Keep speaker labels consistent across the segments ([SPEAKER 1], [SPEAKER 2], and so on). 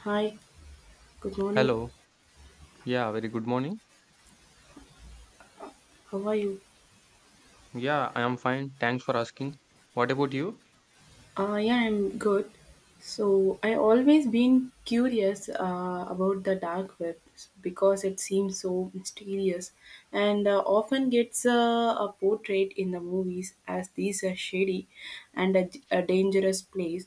[SPEAKER 1] Hi, good morning.
[SPEAKER 2] Hello. Yeah, very good morning.
[SPEAKER 1] How are you?
[SPEAKER 2] Yeah, I am fine. Thanks for asking. What about you?
[SPEAKER 1] Yeah, I'm good. So I always been curious about the dark web because it seems so mysterious and often gets a portrait in the movies as these are shady and a dangerous place.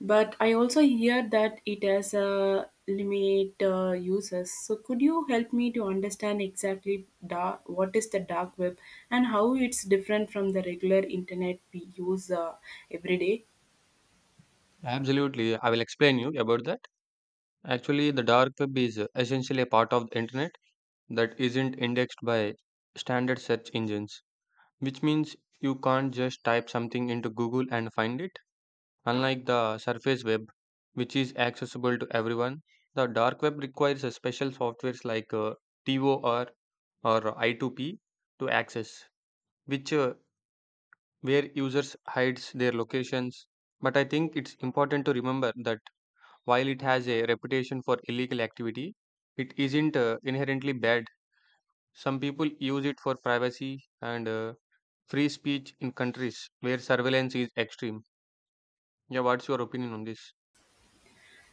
[SPEAKER 1] But I also hear that it has a limit users. So could you help me to understand exactly dark, what is the dark web and how it's different from the regular internet we use every day?
[SPEAKER 2] Absolutely. I will explain you about that. Actually, the dark web is essentially a part of the internet that isn't indexed by standard search engines, which means you can't just type something into Google and find it. Unlike the surface web, which is accessible to everyone, the dark web requires a special softwares like TOR or I2P to access, which where users hides their locations. But I think it's important to remember that while it has a reputation for illegal activity, it isn't inherently bad. Some people use it for privacy and free speech in countries where surveillance is extreme. Yeah, what's your opinion on this?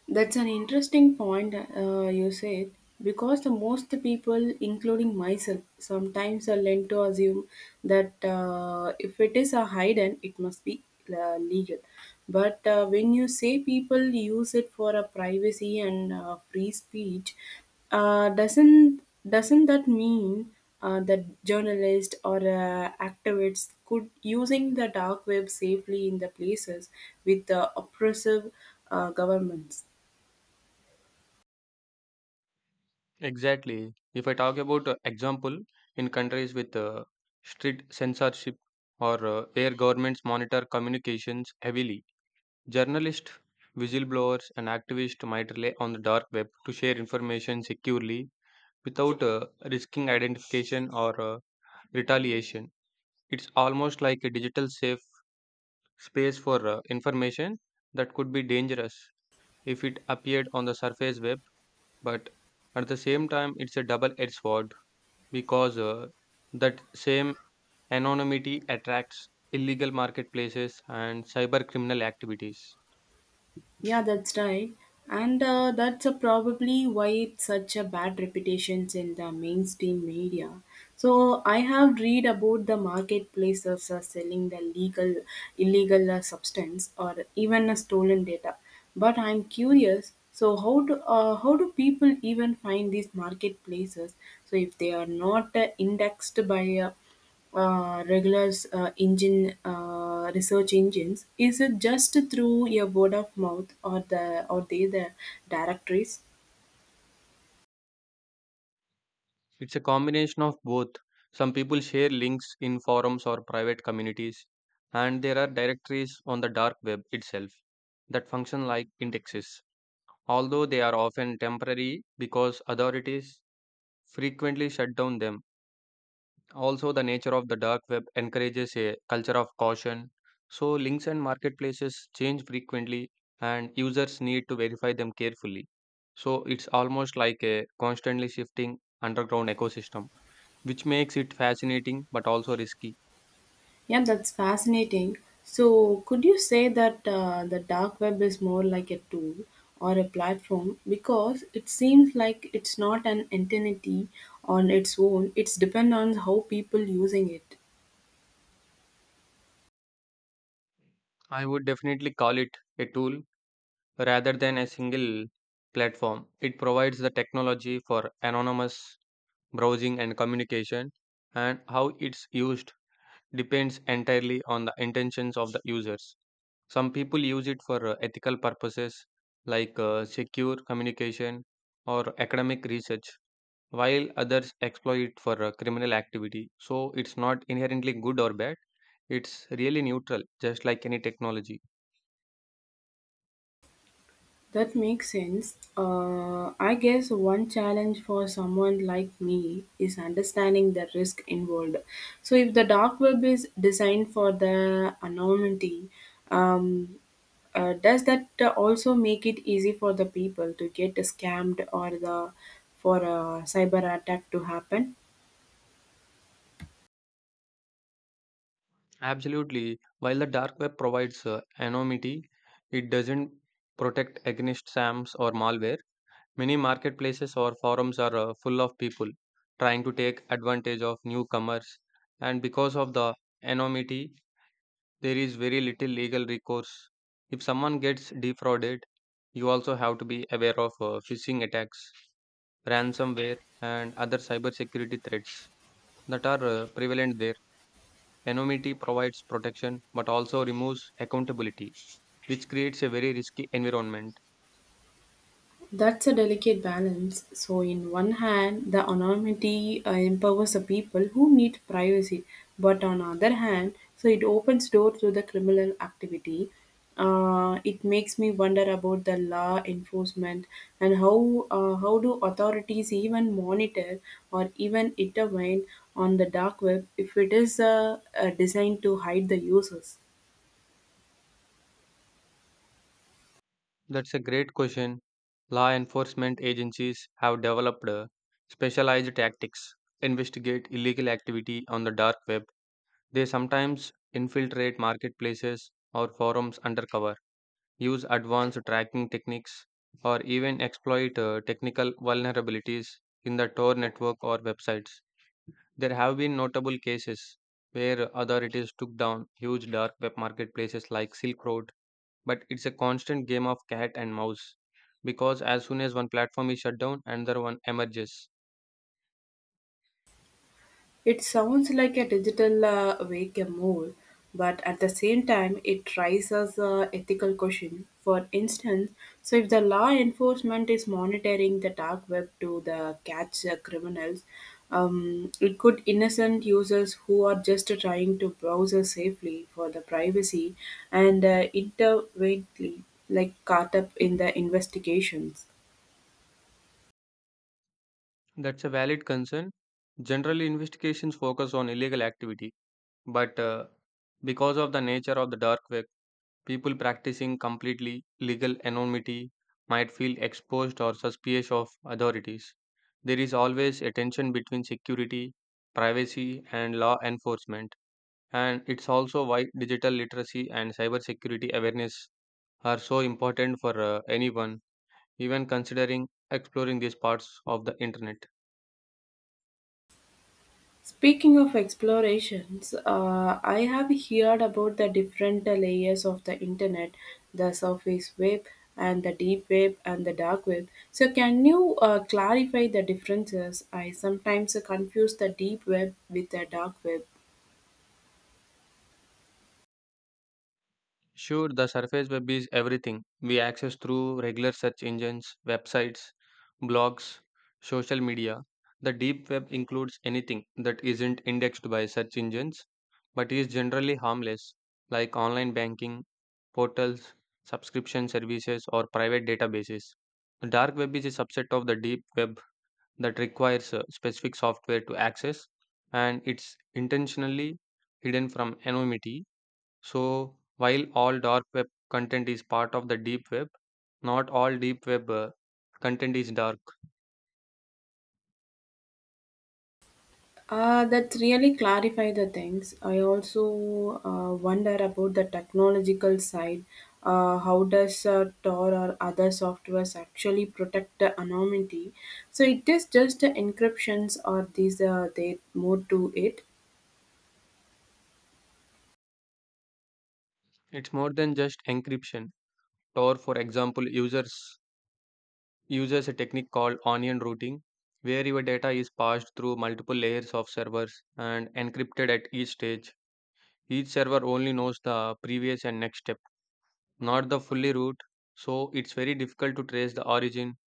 [SPEAKER 1] That's an interesting point you said because the most people, including myself, sometimes are led to assume that if it is a hidden, it must be legal. But when you say people use it for a privacy and free speech, uh, doesn't doesn't that mean that journalists or activists could using the dark web safely in the places with the oppressive governments?
[SPEAKER 2] Exactly. If I talk about example in countries with strict censorship or where governments monitor communications heavily, journalists, whistleblowers, and activists might rely on the dark web to share information securely without risking identification or retaliation. It's almost like a digital safe space for information that could be dangerous if it appeared on the surface web, but at the same time, it's a double edged sword because that same anonymity attracts illegal marketplaces and cyber criminal activities.
[SPEAKER 1] Yeah, that's right. And that's probably why it's such a bad reputations in the mainstream media. So I have read about the marketplaces selling the legal, illegal substance or even stolen data. But I'm curious. So how do people even find these marketplaces? So if they are not indexed by regular engine research engines, is it just through your word of mouth or the or they the directories?
[SPEAKER 2] It's a combination of both. Some people share links in forums or private communities, and there are directories on the dark web itself that function like indexes, although they are often temporary because authorities frequently shut down them. Also, the nature of the dark web encourages a culture of caution, so links and marketplaces change frequently, and users need to verify them carefully. So, it's almost like a constantly shifting underground ecosystem which makes it fascinating but also risky.
[SPEAKER 1] Yeah, that's fascinating. So could you say that the dark web is more like a tool or a platform, because it seems like it's not an entity on its own. It's depend on how people using it.
[SPEAKER 2] I would definitely call it a tool rather than a single platform. It provides the technology for anonymous browsing and communication, and how it's used depends entirely on the intentions of the users. Some people use it for ethical purposes like secure communication or academic research, while others exploit it for criminal activity. So it's not inherently good or bad. It's really neutral, just like any technology.
[SPEAKER 1] That makes sense. I guess one challenge for someone like me is understanding the risk involved. So, if the dark web is designed for the anonymity, um, does that also make it easy for the people to get scammed or the for a cyber attack to happen?
[SPEAKER 2] Absolutely. While the dark web provides anonymity, it doesn't protect against SAMs or malware. Many marketplaces or forums are full of people trying to take advantage of newcomers, and because of the anonymity, there is very little legal recourse. If someone gets defrauded, you also have to be aware of phishing attacks, ransomware, and other cybersecurity threats that are prevalent there. Anonymity provides protection but also removes accountability, which creates a very risky environment.
[SPEAKER 1] That's a delicate balance. So, in one hand, the anonymity empowers the people who need privacy, but on other hand, so it opens door to the criminal activity. It makes me wonder about the law enforcement and how do authorities even monitor or even intervene on the dark web if it is designed to hide the users.
[SPEAKER 2] That's a great question. Law enforcement agencies have developed specialized tactics, to investigate illegal activity on the dark web. They sometimes infiltrate marketplaces or forums undercover, use advanced tracking techniques, or even exploit technical vulnerabilities in the Tor network or websites. There have been notable cases where authorities took down huge dark web marketplaces like Silk Road, but it's a constant game of cat and mouse because as soon as one platform is shut down, another one emerges.
[SPEAKER 1] It sounds like a digital wake a mole, but at the same time, it raises a ethical question. For instance, so if the law enforcement is monitoring the dark web to the catch criminals, it could innocent users who are just trying to browse safely for the privacy and intervene like caught up in the investigations.
[SPEAKER 2] That's a valid concern. Generally, investigations focus on illegal activity, but because of the nature of the dark web, people practicing completely legal anonymity might feel exposed or suspicious of authorities. There is always a tension between security, privacy, and law enforcement, and it's also why digital literacy and cybersecurity awareness are so important for anyone, even considering exploring these parts of the internet.
[SPEAKER 1] Speaking of explorations, I have heard about the different layers of the internet, the surface web and the deep web and the dark web. So, can you clarify the differences? I sometimes confuse the deep web with the dark web.
[SPEAKER 2] Sure, the surface web is everything we access through regular search engines, websites, blogs, social media. The deep web includes anything that isn't indexed by search engines but is generally harmless, like online banking, portals, subscription services, or private databases. The dark web is a subset of the deep web that requires specific software to access, and it's intentionally hidden from anonymity. So, while all dark web content is part of the deep web, not all deep web content is dark.
[SPEAKER 1] That really clarify the things. I also wonder about the technological side. How does Tor or other softwares actually protect the anonymity? So it is just the encryptions or these they more to it.
[SPEAKER 2] It's more than just encryption. Tor, for example, users uses a technique called onion routing, where your data is passed through multiple layers of servers and encrypted at each stage. Each server only knows the previous and next step, not the fully route. So it's very difficult to trace the origin.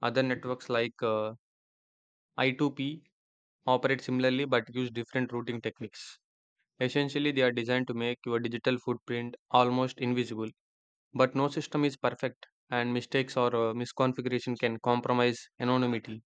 [SPEAKER 2] Other networks like I2P operate similarly but use different routing techniques. Essentially, they are designed to make your digital footprint almost invisible. But no system is perfect, and mistakes or misconfiguration can compromise anonymity.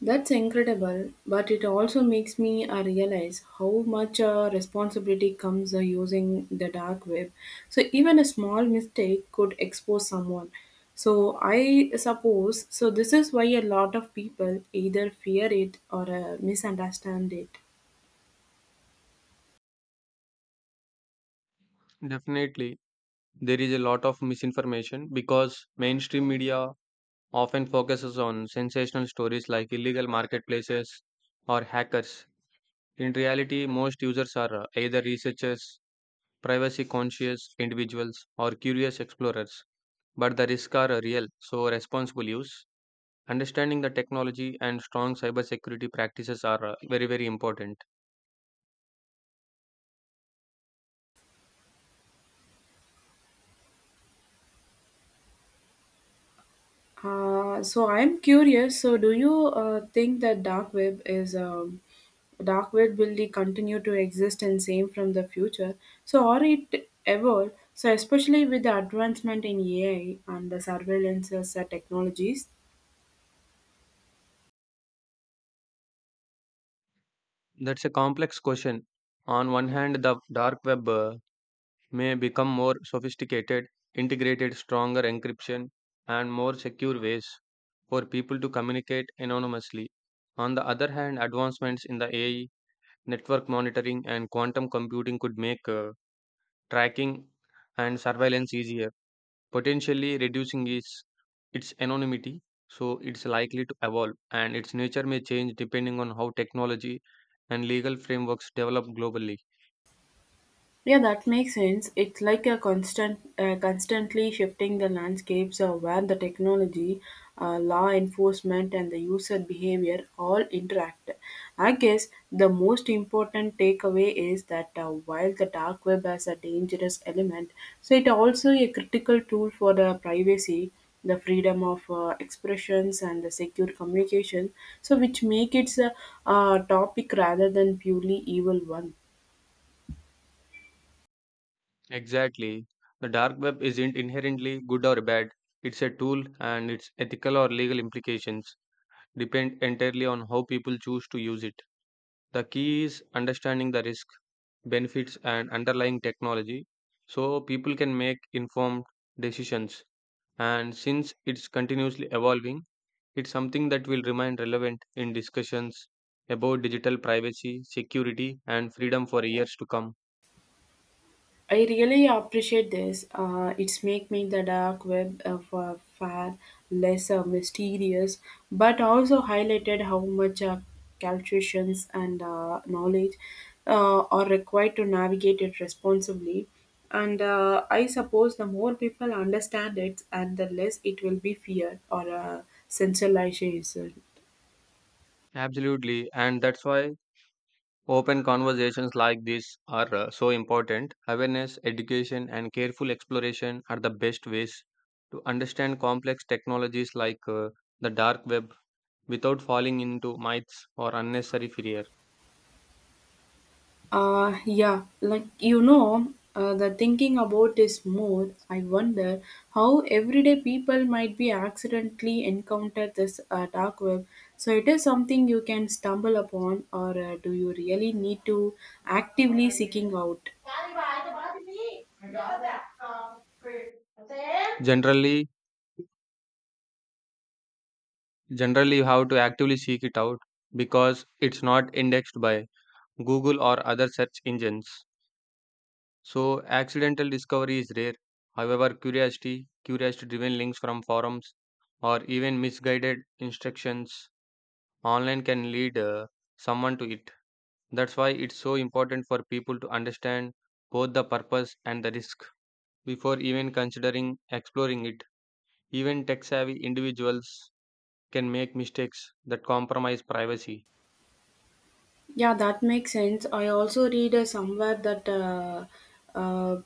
[SPEAKER 1] That's incredible, but it also makes me realize how much responsibility comes using the dark web. So even a small mistake could expose someone. So I suppose so this is why a lot of people either fear it or misunderstand it.
[SPEAKER 2] Definitely, there is a lot of misinformation because mainstream media often focuses on sensational stories like illegal marketplaces or hackers. In reality, most users are either researchers, privacy conscious individuals, or curious explorers, but the risks are real, so responsible use. Understanding the technology and strong cybersecurity practices are very, very important.
[SPEAKER 1] So I'm curious. So do you think that dark web is dark web will continue to exist and same from the future, so or it evolve, so especially with the advancement in AI and the surveillance technologies?
[SPEAKER 2] That's a complex question. On one hand, the dark web may become more sophisticated, integrated stronger encryption, and more secure ways for people to communicate anonymously. On the other hand, advancements in the AI, network monitoring, and quantum computing could make tracking and surveillance easier, potentially reducing its anonymity, so it's likely to evolve, and its nature may change depending on how technology and legal frameworks develop globally.
[SPEAKER 1] Yeah, that makes sense. It's like a constantly shifting the landscapes where the technology, law enforcement, and the user behavior all interact. I guess the most important takeaway is that while the dark web has a dangerous element, so it also a critical tool for the privacy, the freedom of expressions, and the secure communication. So, which make it a topic rather than purely evil one.
[SPEAKER 2] Exactly. The dark web isn't inherently good or bad, it's a tool, and its ethical or legal implications depend entirely on how people choose to use it. The key is understanding the risk, benefits, and underlying technology so people can make informed decisions. And since it's continuously evolving, it's something that will remain relevant in discussions about digital privacy, security, and freedom for years to come.
[SPEAKER 1] I really appreciate this. It's make me the dark web of far less mysterious, but also highlighted how much calculations and knowledge are required to navigate it responsibly. And I suppose the more people understand it, and the less it will be feared or centralization.
[SPEAKER 2] Absolutely, and that's why open conversations like this are so important. Awareness, education, and careful exploration are the best ways to understand complex technologies like the dark web without falling into myths or unnecessary fear.
[SPEAKER 1] Like, the thinking about this more, I wonder how everyday people might be accidentally encounter this dark web. So it is something you can stumble upon, or do you really need to actively seeking out?
[SPEAKER 2] Generally, Generally, you have to actively seek it out because it's not indexed by Google or other search engines. So, accidental discovery is rare. However, curiosity driven links from forums, or even misguided instructions online can lead someone to it. That's why it's so important for people to understand both the purpose and the risk before even considering exploring it. Even tech savvy individuals can make mistakes that compromise privacy.
[SPEAKER 1] Yeah, that makes sense. I also read somewhere that uh,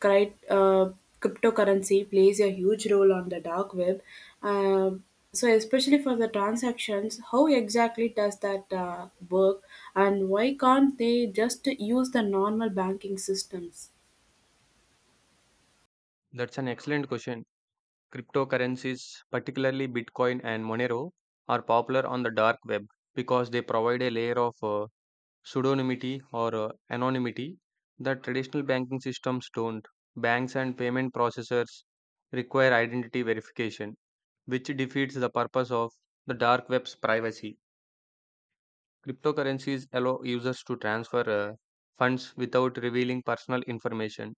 [SPEAKER 1] cri- uh, cryptocurrency plays a huge role on the dark web. Um so, especially for the transactions, how exactly does that work, and why can't they just use the normal banking systems?
[SPEAKER 2] That's an excellent question. Cryptocurrencies, particularly Bitcoin and Monero, are popular on the dark web because they provide a layer of pseudonymity or anonymity that traditional banking systems don't. Banks and payment processors require identity verification, which defeats the purpose of the dark web's privacy. Cryptocurrencies allow users to transfer funds without revealing personal information,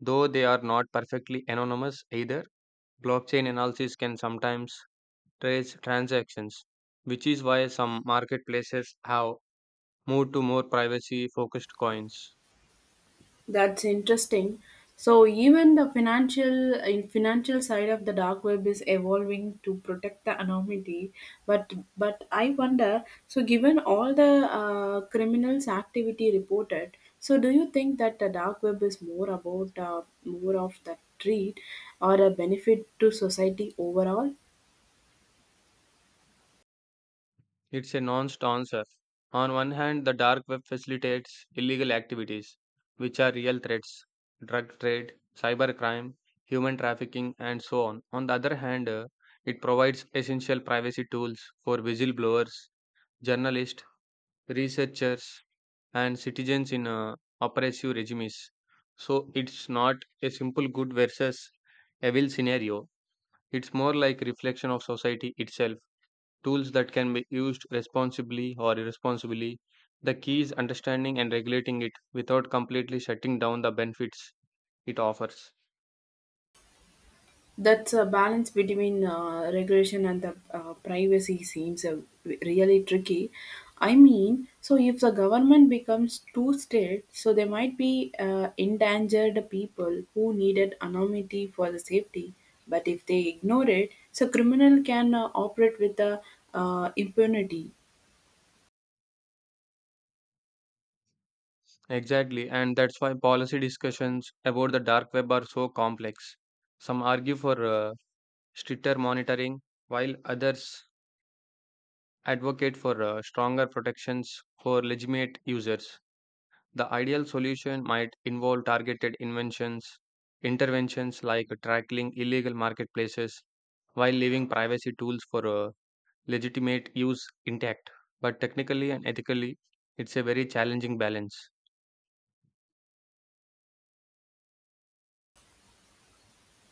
[SPEAKER 2] though they are not perfectly anonymous either. Blockchain analysis can sometimes trace transactions, which is why some marketplaces have moved to more privacy focused coins.
[SPEAKER 1] That's interesting. So even the financial side of the dark web is evolving to protect the anonymity, but but I wonder. So given all the criminals activity reported, so do you think that the dark web is more about more of the treat or a benefit to society overall?
[SPEAKER 2] It's a nuanced answer. On one hand, the dark web facilitates illegal activities, which are real threats: drug trade, cybercrime, human trafficking, and so on. On the other hand, it provides essential privacy tools for whistleblowers, journalists, researchers, and citizens in oppressive regimes. So it's not a simple good versus evil scenario. It's more like reflection of society itself. Tools that can be used responsibly or irresponsibly. The key is understanding and regulating it without completely shutting down the benefits it offers.
[SPEAKER 1] That's a balance between regulation and the privacy seems really tricky. I mean, so if the government becomes too strict, so there might be endangered people who needed anonymity for the safety. But if they ignore it, so criminal can operate with the impunity.
[SPEAKER 2] Exactly, and that's why policy discussions about the dark web are so complex. Some argue for stricter monitoring, while others advocate for stronger protections for legitimate users. The ideal solution might involve interventions like tracking illegal marketplaces while leaving privacy tools for legitimate use intact. But technically and ethically, it's a very challenging balance.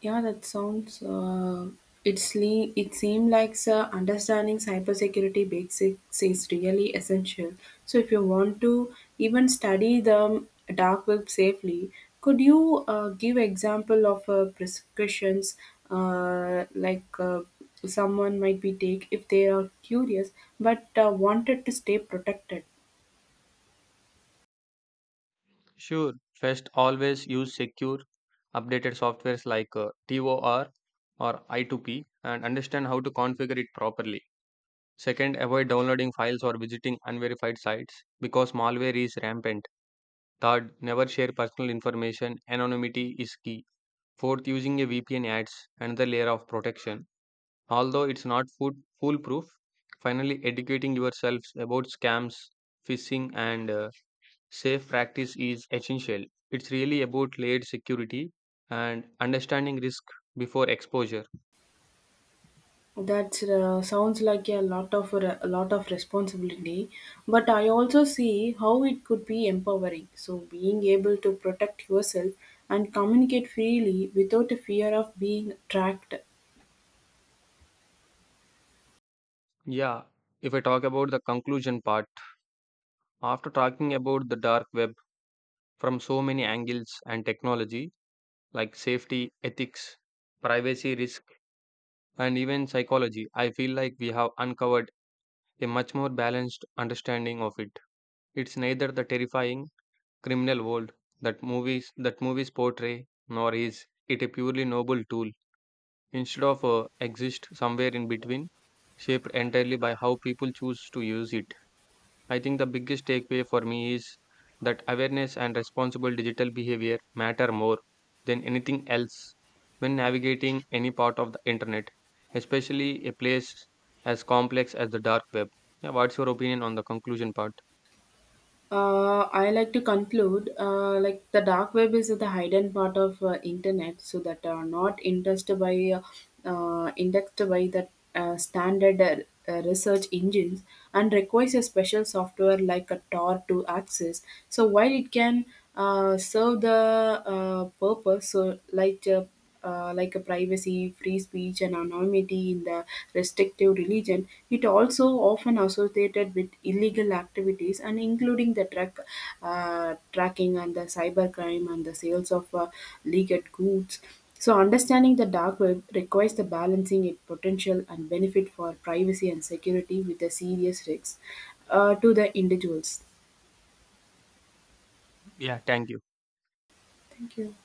[SPEAKER 1] Yeah, that sounds. It it seems like understanding cybersecurity basics is really essential. So, if you want to even study the dark web safely, could you give example of prescriptions like someone might be take if they are curious but wanted to stay protected?
[SPEAKER 2] Sure, first always use secure, updated softwares like TOR or I2P and understand how to configure it properly. Second, avoid downloading files or visiting unverified sites because malware is rampant. Third, never share personal information. Anonymity is key. Fourth, using a VPN adds another layer of protection, although it's not foolproof. Finally, educating yourselves about scams, phishing, and safe practice is essential. It's really about layered security and understanding risk before exposure.
[SPEAKER 1] That sounds like a lot of responsibility, but I also see how it could be empowering. So being able to protect yourself and communicate freely without a fear of being tracked.
[SPEAKER 2] Yeah, if I talk about the conclusion part, after talking about the dark web, from so many angles and technology like safety, ethics, privacy risk, and even psychology, I feel like we have uncovered a much more balanced understanding of it. It's neither the terrifying criminal world that movies portray, nor is it a purely noble tool. Instead of exist somewhere in between, shaped entirely by how people choose to use it. I think the biggest takeaway for me is that awareness and responsible digital behavior matter more than anything else when navigating any part of the internet, especially a place as complex as the dark web. Yeah, what's your opinion on the conclusion part?
[SPEAKER 1] I like to conclude like the dark web is the hidden part of internet, so that are not indexed by indexed by the standard research engines and requires a special software like a Tor to access. So while it can serve the purpose, so like a privacy, free speech, and anonymity in the restrictive religion, it also often associated with illegal activities and including the truck tracking and the cybercrime and the sales of legal goods. So understanding the dark web requires the balancing its potential and benefit for privacy and security with the serious risks to the individuals.
[SPEAKER 2] Yeah, thank you.
[SPEAKER 1] Thank you.